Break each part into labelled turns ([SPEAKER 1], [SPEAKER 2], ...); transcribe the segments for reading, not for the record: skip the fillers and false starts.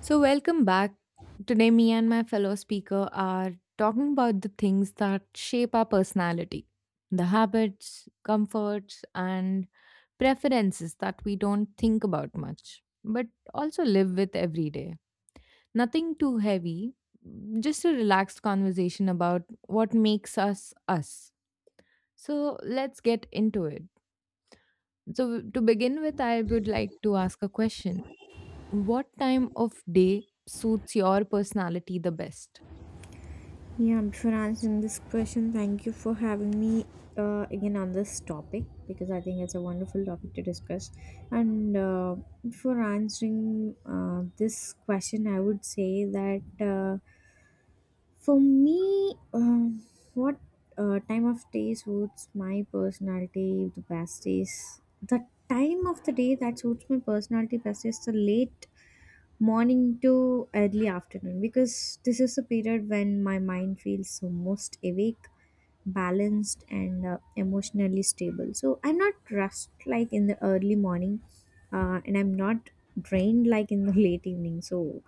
[SPEAKER 1] So, welcome back. Today, me and my fellow speaker are talking about the things that shape our personality, the habits, comforts, and preferences that we don't think about much, but also live with every day. Nothing too heavy, just a relaxed conversation about what makes us us. So, let's get into it. So, to begin with, I would like to ask a question: what time of day suits your personality the best?
[SPEAKER 2] Yeah, I'm sure answering this question. Thank you for having me again on this topic because I think it's a wonderful topic to discuss. And for answering this question, I would say that for me, what time of day suits my personality the best is the time of the day that suits my personality best is the late morning to early afternoon because this is the period when my mind feels most awake, balanced, and emotionally stable. So I'm not rushed like in the early morning, and I'm not drained like in the late evening. So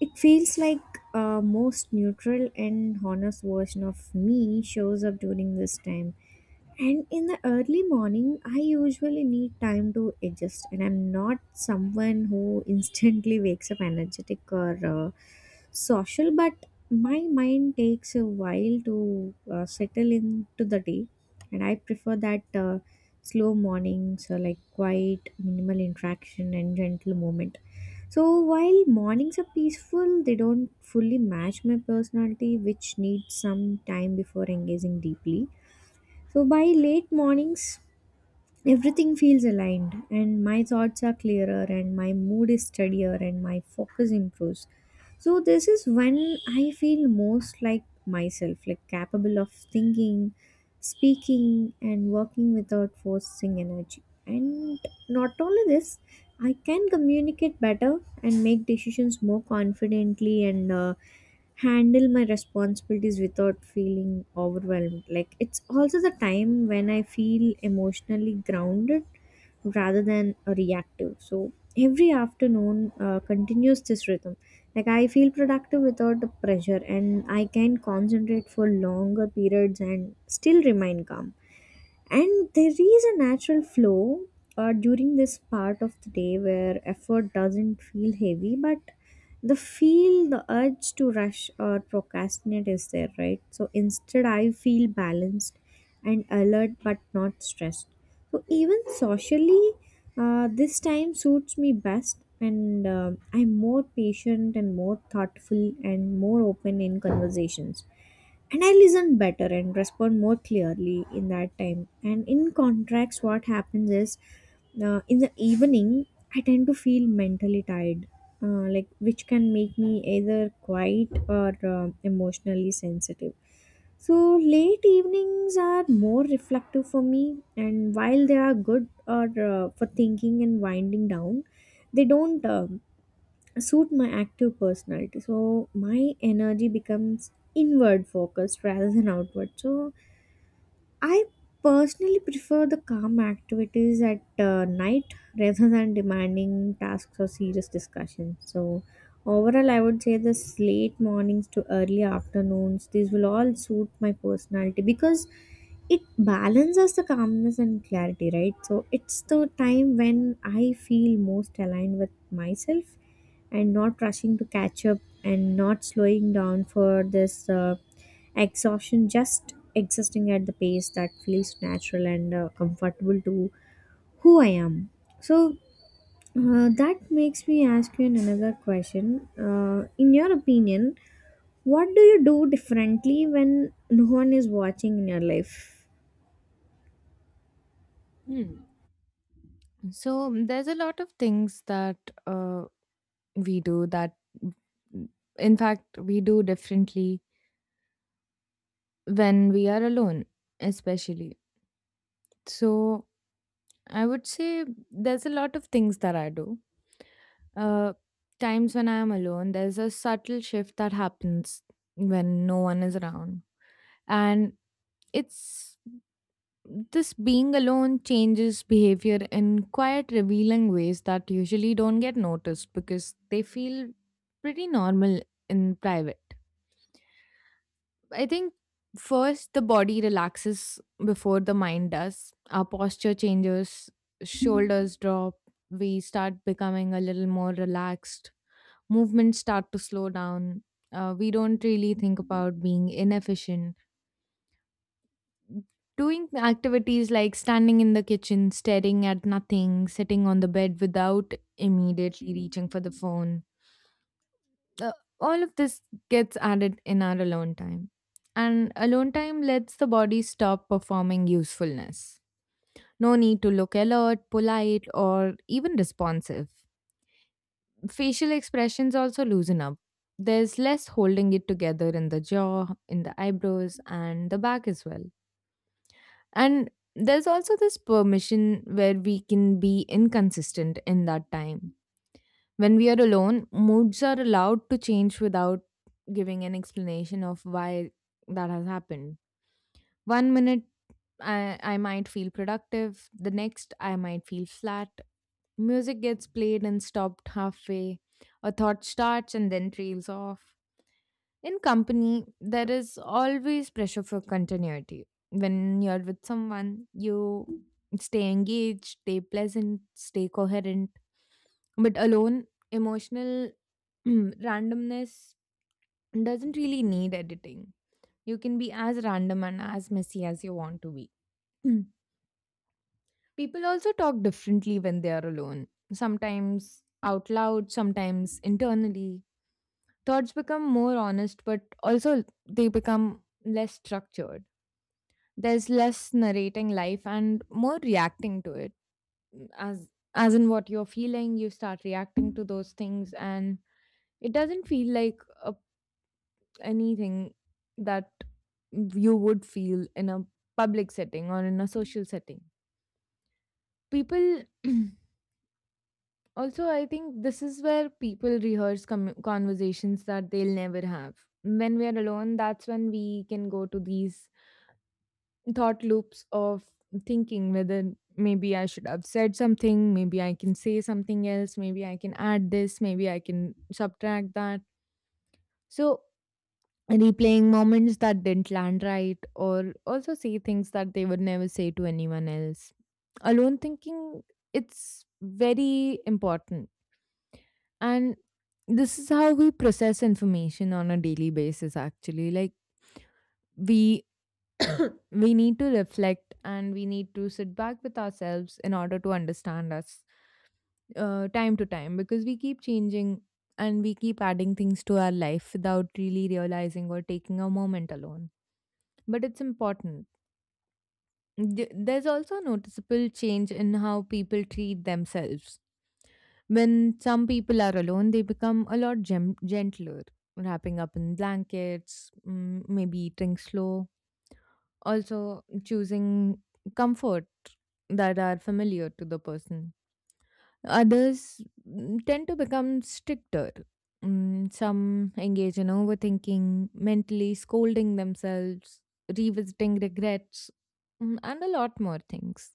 [SPEAKER 2] it feels like a most neutral and honest version of me shows up during this time, and in the early morning, I usually need time to adjust, and I'm not someone who instantly wakes up energetic or social, but my mind takes a while to settle into the day, and I prefer that slow mornings, so like quiet, minimal interaction, and gentle movement. So while mornings are peaceful, they don't fully match my personality, which needs some time before engaging deeply. So by late mornings, everything feels aligned, and my thoughts are clearer, and my mood is steadier, and my focus improves. So this is when I feel most like myself, like capable of thinking, speaking, and working without forcing energy. And not only this, I can communicate better and make decisions more confidently and handle my responsibilities without feeling overwhelmed. Like it's also the time when I feel emotionally grounded rather than reactive. So every afternoon continues this rhythm. Like I feel productive without the pressure, and I can concentrate for longer periods and still remain calm, and there is a natural flow during this part of the day where effort doesn't feel heavy, but the urge to rush or procrastinate is there, right? So instead I feel balanced and alert but not stressed. So even socially, this time suits me best, and um, I'm more patient and more thoughtful and more open in conversations, and I listen better and respond more clearly in that time. And in contrast, what happens is in the evening, I tend to feel mentally tired, like which can make me either quiet or um, emotionally sensitive. So late evenings are more reflective for me, and while they are good or for thinking and winding down, they don't. Suit my active personality, so my energy becomes inward focused rather than outward. So I personally prefer the calm activities at night rather than demanding tasks or serious discussions. So, overall, I would say this late mornings to early afternoons, these will all suit my personality because it balances the calmness and clarity, right? So, it's the time when I feel most aligned with myself and not rushing to catch up and not slowing down for this exhaustion, just existing at the pace that feels natural and comfortable to who I am. So that makes me ask you another question: in your opinion, what do you do differently when no one is watching in your life?
[SPEAKER 1] So there's a lot of things that uh, we do that, in fact, we do differently when we are alone, especially. So I would say there's a lot of things that I do. Uh, Times when I am alone, there's a subtle shift that happens when no one is around, and it's this being alone changes behavior in quiet, revealing ways that usually don't get noticed because they feel pretty normal in private. I think first the body relaxes before the mind does. Our posture changes, shoulders drop, we start becoming a little more relaxed, movements start to slow down. We don't really think about being inefficient, doing activities like standing in the kitchen, staring at nothing, sitting on the bed without immediately reaching for the phone. Uh, all of this gets added in our alone time. And alone time lets the body stop performing usefulness. No need to look alert, polite, or even responsive. Facial expressions also loosen up. There's less holding it together in the jaw, in the eyebrows, and the back as well. And there's also this permission where we can be inconsistent in that time. When we are alone, moods are allowed to change without giving an explanation of why that has happened. One minute, I might feel productive, the next, I might feel flat. Music gets played and stopped halfway, a thought starts and then trails off. In company, there is always pressure for continuity. When you're with someone, you stay engaged, stay pleasant, stay coherent. But alone, emotional randomness doesn't really need editing. You can be as random and as messy as you want to be. Mm. People also talk differently when they are alone, sometimes out loud, sometimes internally. Thoughts become more honest, but also they become less structured. There's less narrating life and more reacting to it. Mm, as as in what you're feeling, you start reacting to those things, and it doesn't feel like anything that you would feel in a public setting or in a social setting. People also, I think this is where people rehearse conversations that they'll never have. When we are alone, that's when we can go to these thought loops of thinking whether maybe I should have said something, maybe I can say something else, maybe I can add this, maybe I can subtract that. So, replaying moments that didn't land right, or also say things that they would never say to anyone else. Alone thinking, it's very important. And this is how we process information on a daily basis, actually. Like, we we need to reflect and we need to sit back with ourselves in order to understand us time to time because we keep changing and we keep adding things to our life without really realizing or taking a moment alone. But it's important. There's also noticeable change in how people treat themselves. When some people are alone, they become a lot gentler, wrapping up in blankets, mm, maybe eating slow, also choosing comfort that are familiar to the person. Others tend to become stricter. Some engage in overthinking, mentally scolding themselves, revisiting regrets, and a lot more things.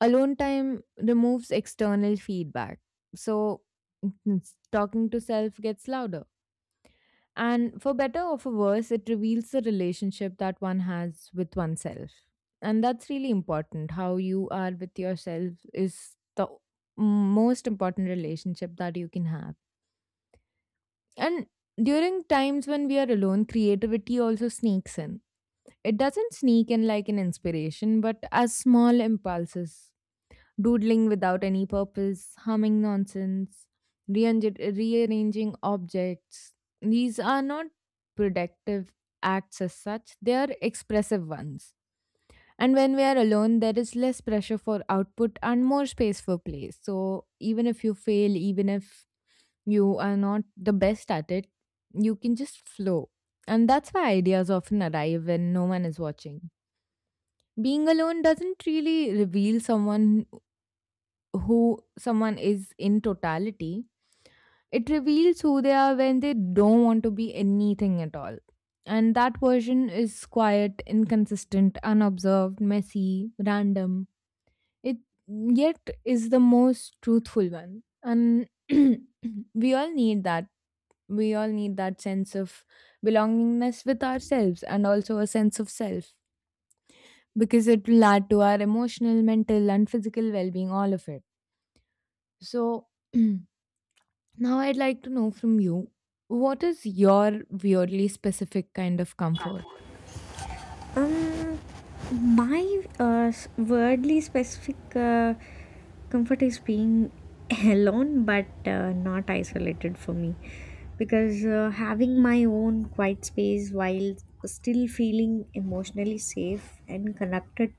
[SPEAKER 1] Alone time removes external feedback. So, mm, talking to self gets louder, and for better or for worse, it reveals the relationship that one has with oneself. And that's really important. How you are with yourself is the most important relationship that you can have. And during times when we are alone, creativity also sneaks in. It doesn't sneak in like an inspiration, but as small impulses, doodling without any purpose, humming nonsense, rearranging objects. These are not productive acts as such, they are expressive ones. And when we are alone, there is less pressure for output and more space for play. So, even if you fail, even if you are not the best at it, you can just flow. And that's why ideas often arrive when no one is watching. Being alone doesn't really reveal someone, who someone is in totality; it reveals who they are when they don't want to be anything at all. And that version is quiet, inconsistent, unobserved, messy, random. It yet is the most truthful one. And we all need that. We all need that sense of belongingness with ourselves and also a sense of self, because it will add to our emotional, mental, and physical well being, all of it. So, now, I'd like to know from you, what is your weirdly specific kind of comfort?
[SPEAKER 2] um My s- worldly specific comfort is being alone but not isolated for me, because having my own quiet space while still feeling emotionally safe and connected,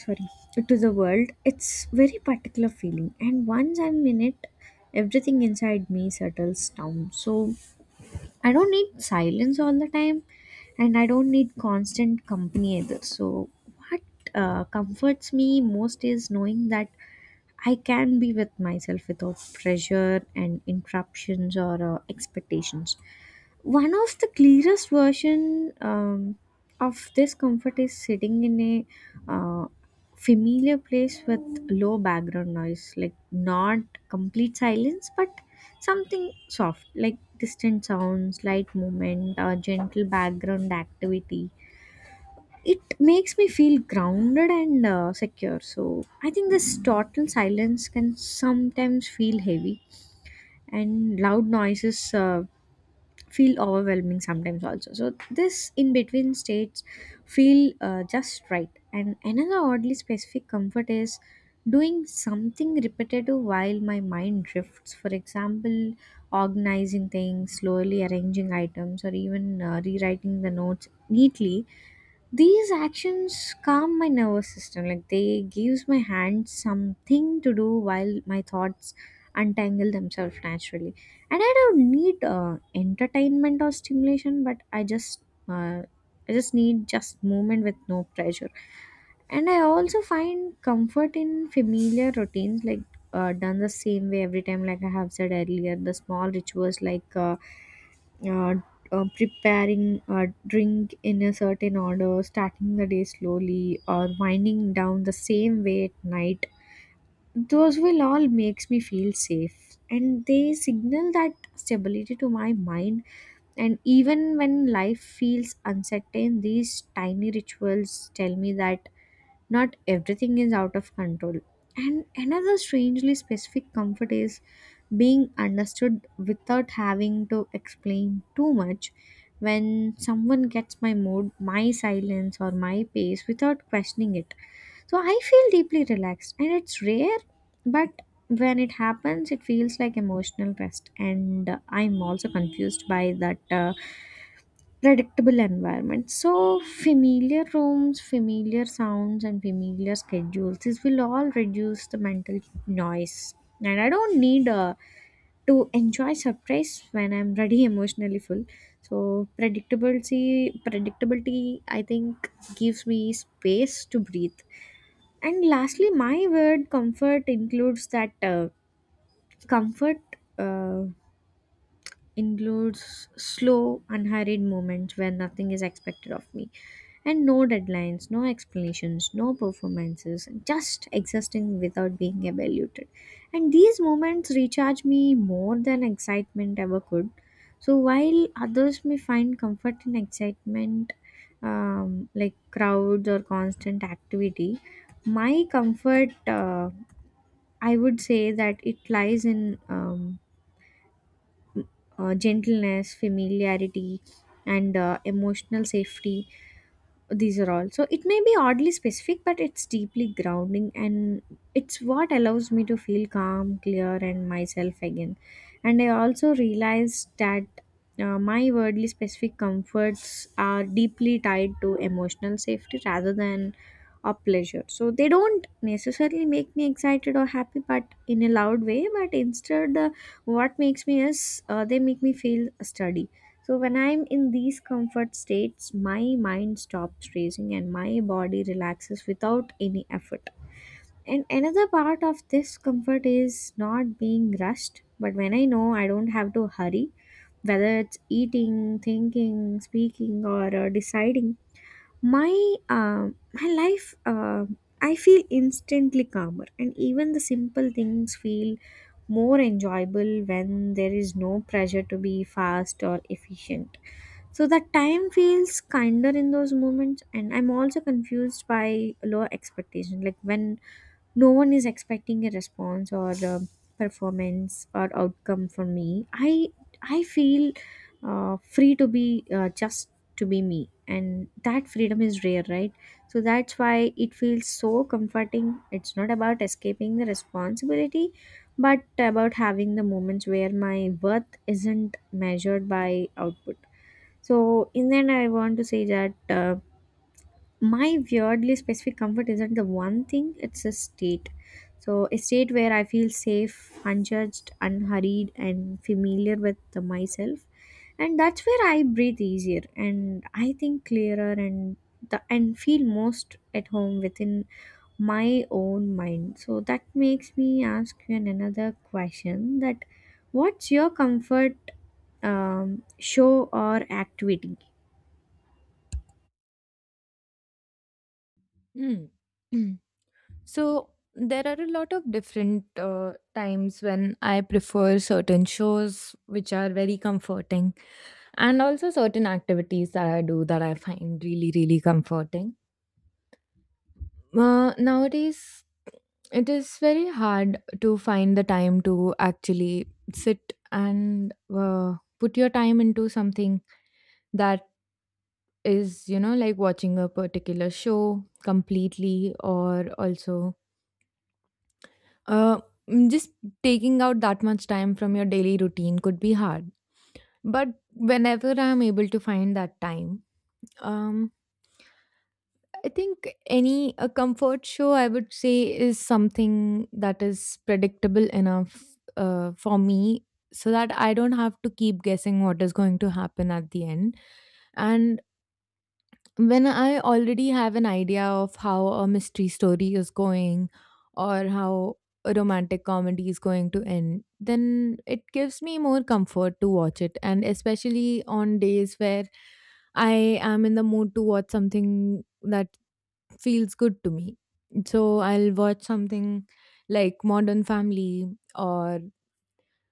[SPEAKER 2] sorry, to the world, it's very particular feeling, and once I'm in it, everything inside me settles down. So I don't need silence all the time, and I don't need constant company either. So, what comforts me most is knowing that I can be with myself without pressure and interruptions or expectations. One of the clearest version of this comfort is sitting in a uh, familiar place with low background noise, like not complete silence, but something soft, like distant sounds, light movement, or gentle background activity. It makes me feel grounded and secure. So, I think this total silence can sometimes feel heavy, and loud noises feel overwhelming sometimes also. So this in between states feel just right. And another oddly specific comfort is doing something repetitive while my mind drifts. For example, organizing things slowly, arranging items, or even rewriting the notes neatly. These actions calm my nervous system, like they gives my hands something to do while my thoughts untangle themselves naturally. And I don't need entertainment or stimulation, but uh, I just need just movement with no pressure. And I also find comfort in familiar routines, like done the same way every time. Like I have said earlier, the small rituals, like uh, preparing a drink in a certain order, starting the day slowly, or winding down the same way at night. Those will all makes me feel safe, and they signal that stability to my mind. And even when life feels uncertain, these tiny rituals tell me that not everything is out of control. And another strangely specific comfort is being understood without having to explain too much. When someone gets my mood, my silence, or my pace without questioning it, so I feel deeply relaxed, and it's rare, but when it happens, it feels like emotional rest. And I'm also confused by that. Predictable environment. So, familiar rooms, familiar sounds, and familiar schedules. This will all reduce the mental noise. And I don't need to enjoy surprise when I'm ready emotionally full. So predictability, I think gives me space to breathe. And lastly, my word comfort includes that comfort. Uh, includes slow, unhurried moments where nothing is expected of me. And no deadlines, no explanations, no performances, just existing without being evaluated. And these moments recharge me more than excitement ever could. So while others may find comfort in excitement, like crowds or constant activity, my comfort, I would say that it lies in gentleness, familiarity, and emotional safety. These are all. So it may be oddly specific, but it's deeply grounding, and it's what allows me to feel calm, clear, and myself again. And I also realized that my wordly specific comforts are deeply tied to emotional safety rather than or pleasure. So they don't necessarily make me excited or happy, but in a loud way. But instead, what makes me is they make me feel steady. So when I'm in these comfort states, my mind stops racing, and my body relaxes without any effort. And another part of this comfort is not being rushed. But when I know I don't have to hurry, whether it's eating, thinking, speaking, or deciding my uh, my life, I feel instantly calmer, and even the simple things feel more enjoyable when there is no pressure to be fast or efficient. So the time feels kinder in those moments. And I'm also confused by low expectation, like when no one is expecting a response or performance or outcome from me, I feel free to be just to be me, and that freedom is rare, right? So that's why it feels so comforting. It's not about escaping the responsibility, but about having the moments where my worth isn't measured by output. So in the end, I want to say that my weirdly specific comfort isn't the one thing, it's a state. So a state where I feel safe, unjudged, unhurried, and familiar with the myself, and that's where I breathe easier, and I think clearer, and and feel most at home within my own mind. So that makes me ask you another question: that what's your comfort show or activity?
[SPEAKER 1] Mm. Mm. So, there are a lot of different times when I prefer certain shows which are very comforting, and also certain activities that I do that I find really, really comforting. Nowadays, it is very hard to find the time to actually sit and put your time into something that is, you know, like watching a particular show completely, or also uh, just taking out that much time from your daily routine could be hard. But whenever I'm able to find that time, um, I think any a comfort show, I would say, is something that is predictable enough for me, so that I don't have to keep guessing what is going to happen at the end. And when I already have an idea of how a mystery story is going, or how a romantic comedy is going to end, then it gives me more comfort to watch it. And especially on days where I am in the mood to watch something that feels good to me. So I'll watch something like Modern Family or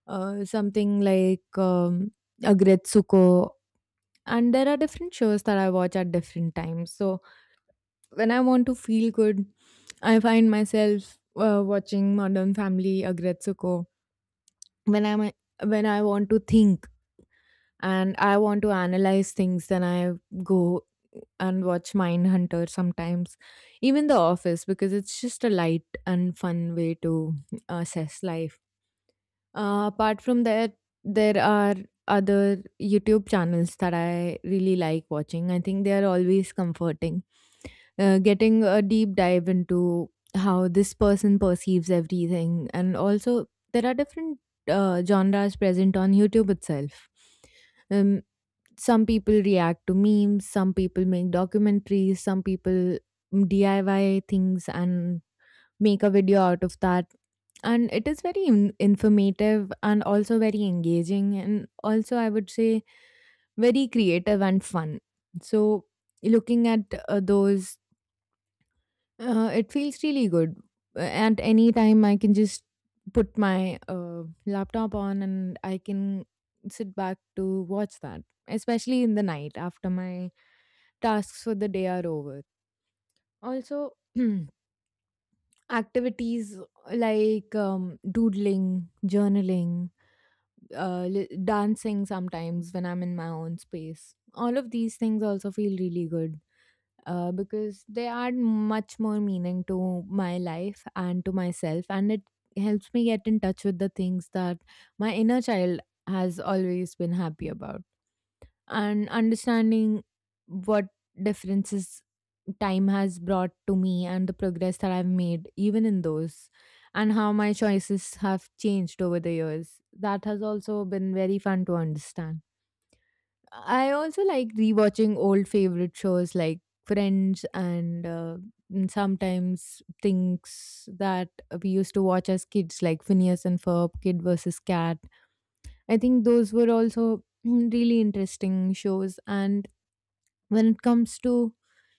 [SPEAKER 1] something like Agretsuko. And there are different shows that I watch at different times. So when I want to feel good, I find myself watching Modern Family, Agretsuko. When i when I want to think and I want to analyze things, then I go and watch Mindhunter sometimes, even The Office, because it's just a light and fun way to assess life. Apart from that, there are other YouTube channels that I really like watching. I think they are always comforting, getting a deep dive into how this person perceives everything. And also there are different genres present on YouTube itself. um, some people react to memes, some people make documentaries, some people DIY things and make a video out of that, and it is very informative and also very engaging, and also I would say very creative and fun. So looking at those, it feels really good. At any time, I can just put my laptop on and I can sit back to watch that, especially in the night after my tasks for the day are over. Also, activities like doodling, journaling, dancing sometimes when I'm in my own space. All of these things also feel really good, because they add much more meaning to my life and to myself, and it helps me get in touch with the things that my inner child has always been happy about, and understanding what differences time has brought to me and the progress that I've made, even in those, and how my choices have changed over the years. That has also been very fun to understand. I also like rewatching old favorite shows like Friends and sometimes things that we used to watch as kids, like Phineas and Ferb, Kid versus Cat. I think those were also really interesting shows. And when it comes to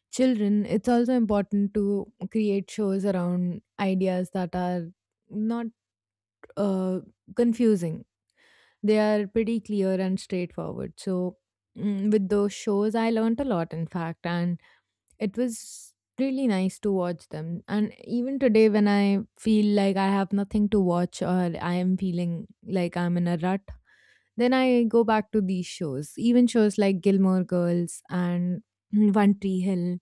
[SPEAKER 1] children, it's also important to create shows around ideas that are not uh, confusing, they are pretty clear and straightforward. So, with those shows, I learned a lot, in fact, and it was really nice to watch them. And even today, when I feel like I have nothing to watch or I am feeling like I'm in a rut, then I go back to these shows. Even shows like Gilmore Girls and One Tree Hill,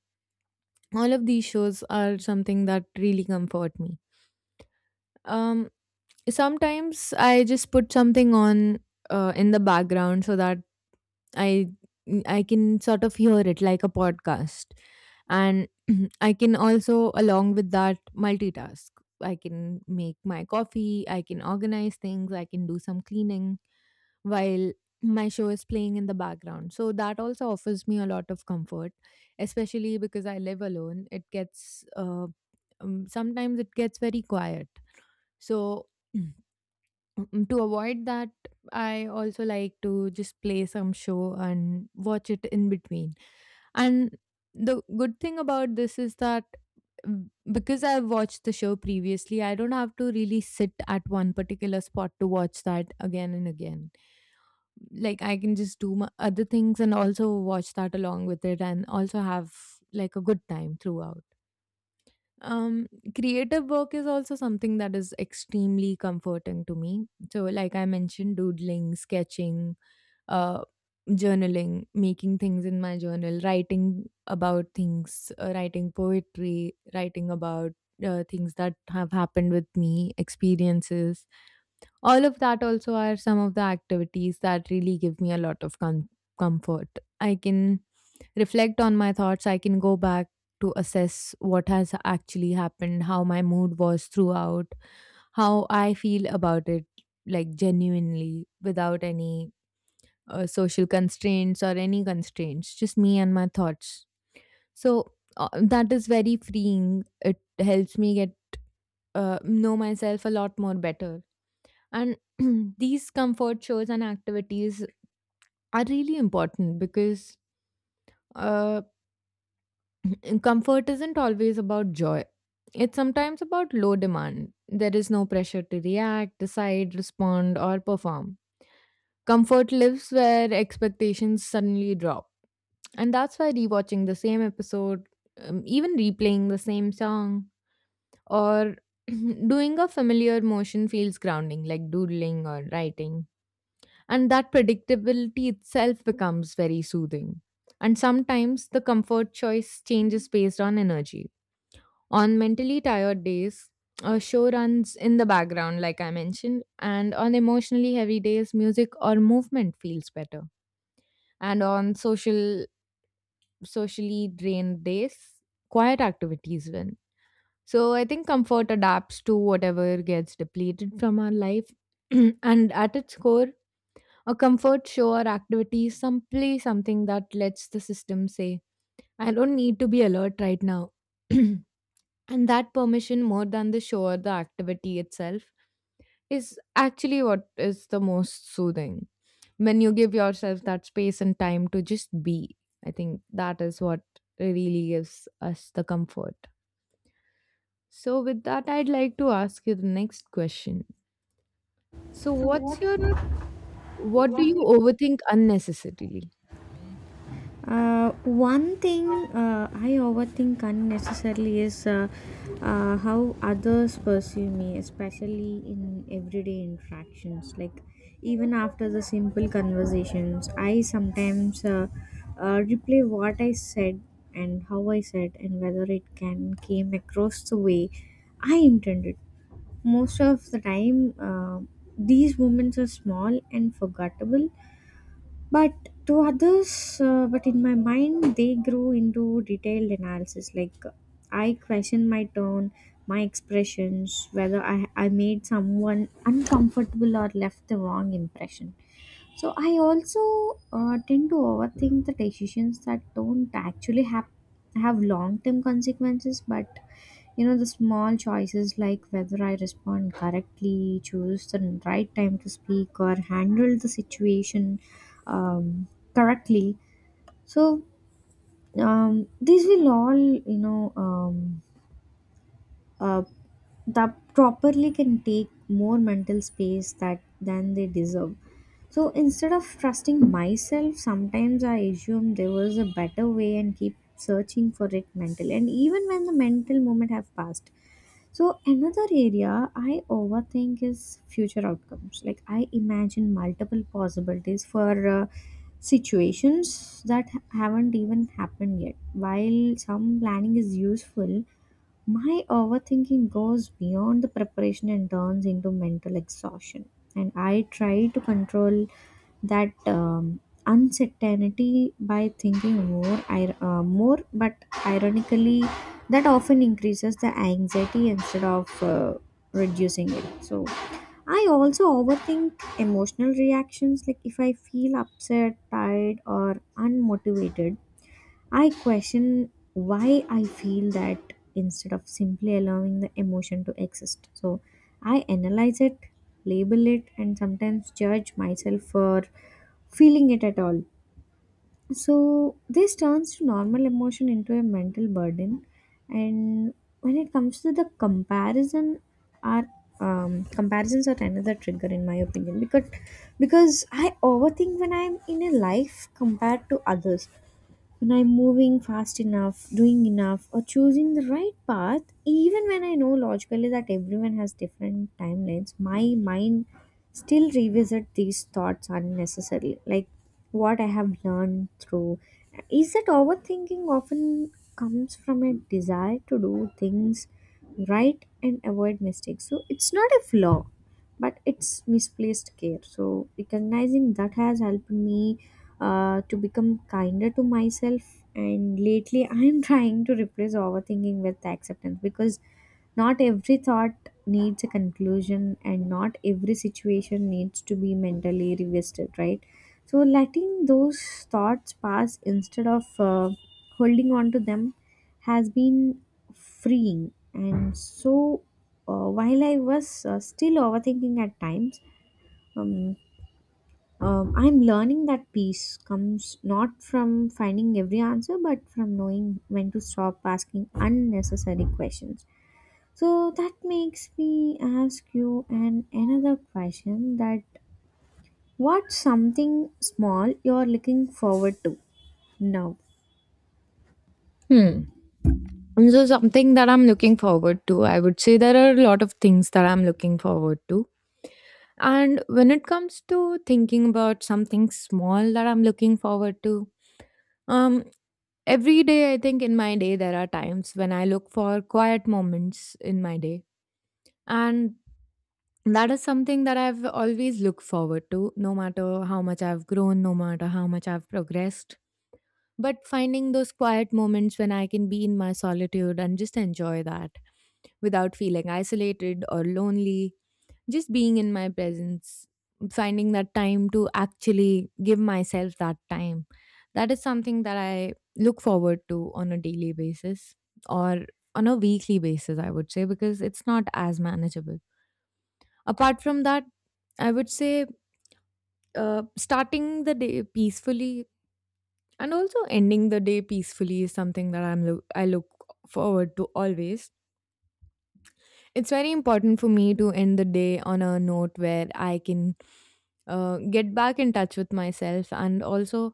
[SPEAKER 1] all of these shows are something that really comfort me. Um, Sometimes I just put something on in the background so that I I can sort of hear it like a podcast. And I can also, along with that, multitask. I can make my coffee, I can organize things, I can do some cleaning while my show is playing in the background. So that also offers me a lot of comfort, especially because I live alone. Sometimes it gets very quiet. So To avoid that, I also like to just play some show and watch it in between. And the good thing about this is that because I've watched the show previously, I don't have to really sit at one particular spot to watch that again and again. Like I can just do my other things and also watch that along with it and also have like a good time throughout. Um, Creative work is also something that is extremely comforting to me. So, like I mentioned, doodling, sketching, uh, journaling, making things in my journal, writing about things, writing poetry, writing about things that have happened with me, experiences. All of that also are some of the activities that really give me a lot of comfort. I can reflect on my thoughts. I can go back to assess what has actually happened, how my mood was throughout, how I feel about it, like genuinely, without any social constraints or any constraints, just me and my thoughts. So that is very freeing. It helps me get know myself a lot more better. And these comfort shows and activities are really important because uh, And comfort isn't always about joy. It's sometimes about low demand. There is no pressure to react, decide, respond, or perform. Comfort lives where expectations suddenly drop. And that's why rewatching the same episode, even replaying the same song, or doing a familiar motion feels grounding, like doodling or writing. And that predictability itself becomes very soothing. And sometimes the comfort choice changes based on energy, on mentally tired days, a show runs in the background, like I mentioned, and on emotionally heavy days, music or movement feels better. And on socially drained days, quiet activities win. So I think comfort adapts to whatever gets depleted from our life. And at its core, a comfort show or activity is simply something that lets the system say, I don't need to be alert right now. And that permission, more than the show or the activity itself, is actually what is the most soothing. When you give yourself that space and time to just be, I think that is what really gives us the comfort. So, with that, I'd like to ask you the next question. So,
[SPEAKER 2] So what's your
[SPEAKER 1] what do
[SPEAKER 2] what
[SPEAKER 1] you
[SPEAKER 2] do
[SPEAKER 1] overthink unnecessarily?
[SPEAKER 2] One thing I overthink unnecessarily is how others perceive me, especially in everyday interactions. Like, even after the simple conversations, I sometimes replay what I said and how I said, and whether it can came across the way I intended. Most of the time, these moments are small and forgettable, but to others, but in my mind they grew into detailed analysis. Like I question my tone, my expressions, whether I made someone uncomfortable or left the wrong impression. So I also tend to overthink the decisions that don't actually have long term consequences, but you know, the small choices like whether I respond correctly, choose the right time to speak, or handle the situation um, correctly. So, these will all, you know, uh, that properly can take more mental space that than they deserve. So instead of trusting myself, sometimes I assume there was a better way and keep searching for it mentally. And even when the mental moment have passed, so another area I overthink is future outcomes. Like I imagine multiple possibilities for uh, situations that haven't even happened yet. While some planning is useful, my overthinking goes beyond the preparation and turns into mental exhaustion. And I try to control that uncertainty by thinking more, but ironically, that often increases the anxiety instead of reducing it. So I also overthink emotional reactions. Like if I feel upset, tired, or unmotivated, I question why I feel that instead of simply allowing the emotion to exist. So I analyze it, label it, and sometimes judge myself for feeling it at all. So this turns to normal emotion into a mental burden. And when it comes to the comparison, are comparisons are another trigger in my opinion, because I overthink when I'm in a life compared to others, when I'm moving fast enough, doing enough, or choosing the right path. Even when I know logically that everyone has different timelines, my mind still revisit these thoughts unnecessarily. Like what I have learned through is that overthinking often comes from a desire to do things right and avoid mistakes. So it's not a flaw, but it's misplaced care. So recognizing that has helped me to become kinder to myself. And lately, I'm trying to replace overthinking with acceptance, because not every thought needs a conclusion, and not every situation needs to be mentally revisited, right? So, letting those thoughts pass instead of holding on to them has been freeing. And so, while I was still overthinking at times, um, I'm learning that peace comes not from finding every answer, but from knowing when to stop asking unnecessary questions. So that makes me ask you an another question: that what's something small you're looking forward to now?
[SPEAKER 1] Hmm. And So something that I'm looking forward to, I would say there are a lot of things that I'm looking forward to. And when it comes to thinking about something small that I'm looking forward to, um, every day I think in my day there are times when I look for quiet moments in my day. And that is something that I've always looked forward to, no matter how much I've grown, no matter how much I've progressed. But finding those quiet moments when I can be in my solitude and just enjoy that without feeling isolated or lonely, just being in my presence, finding that time to actually give myself that time. That is something that I look forward to on a daily basis or on a weekly basis, I would say, because it's not as manageable. Apart from that, I would say starting the day peacefully and also ending the day peacefully is something that I look forward to always. It's very important for me to end the day on a note where I can get back in touch with myself and also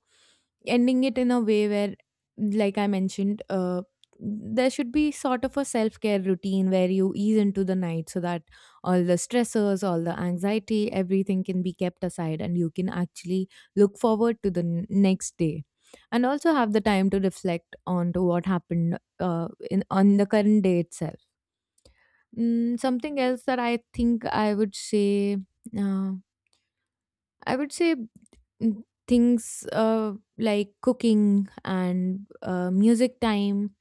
[SPEAKER 1] ending it in a way where, like I mentioned, there should be sort of a self care routine where you ease into the night so that all the stressors, all the anxiety, everything can be kept aside and you can actually look forward to the next day and also have the time to reflect on to what happened in on the current day itself. Something else that I think uh, I would say mm, things like cooking and music time,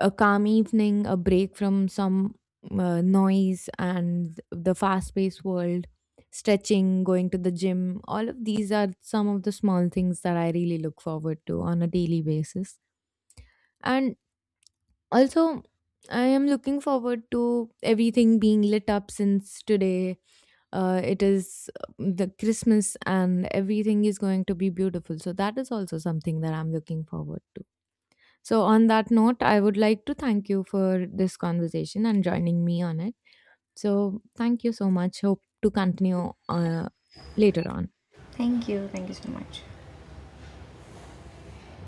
[SPEAKER 1] a calm evening, a break from some noise and the fast paced world, stretching, going to the gym. All of these are some of the small things that I really look forward to on a daily basis. And also, I am looking forward to everything being lit up, since today it is the Christmas and everything is going to be beautiful. So that is also something that I'm looking forward to. So on that note, I would like to thank you for this conversation and joining me on it. So thank you so much. Hope to continue later on.
[SPEAKER 2] Thank you. Thank you so much.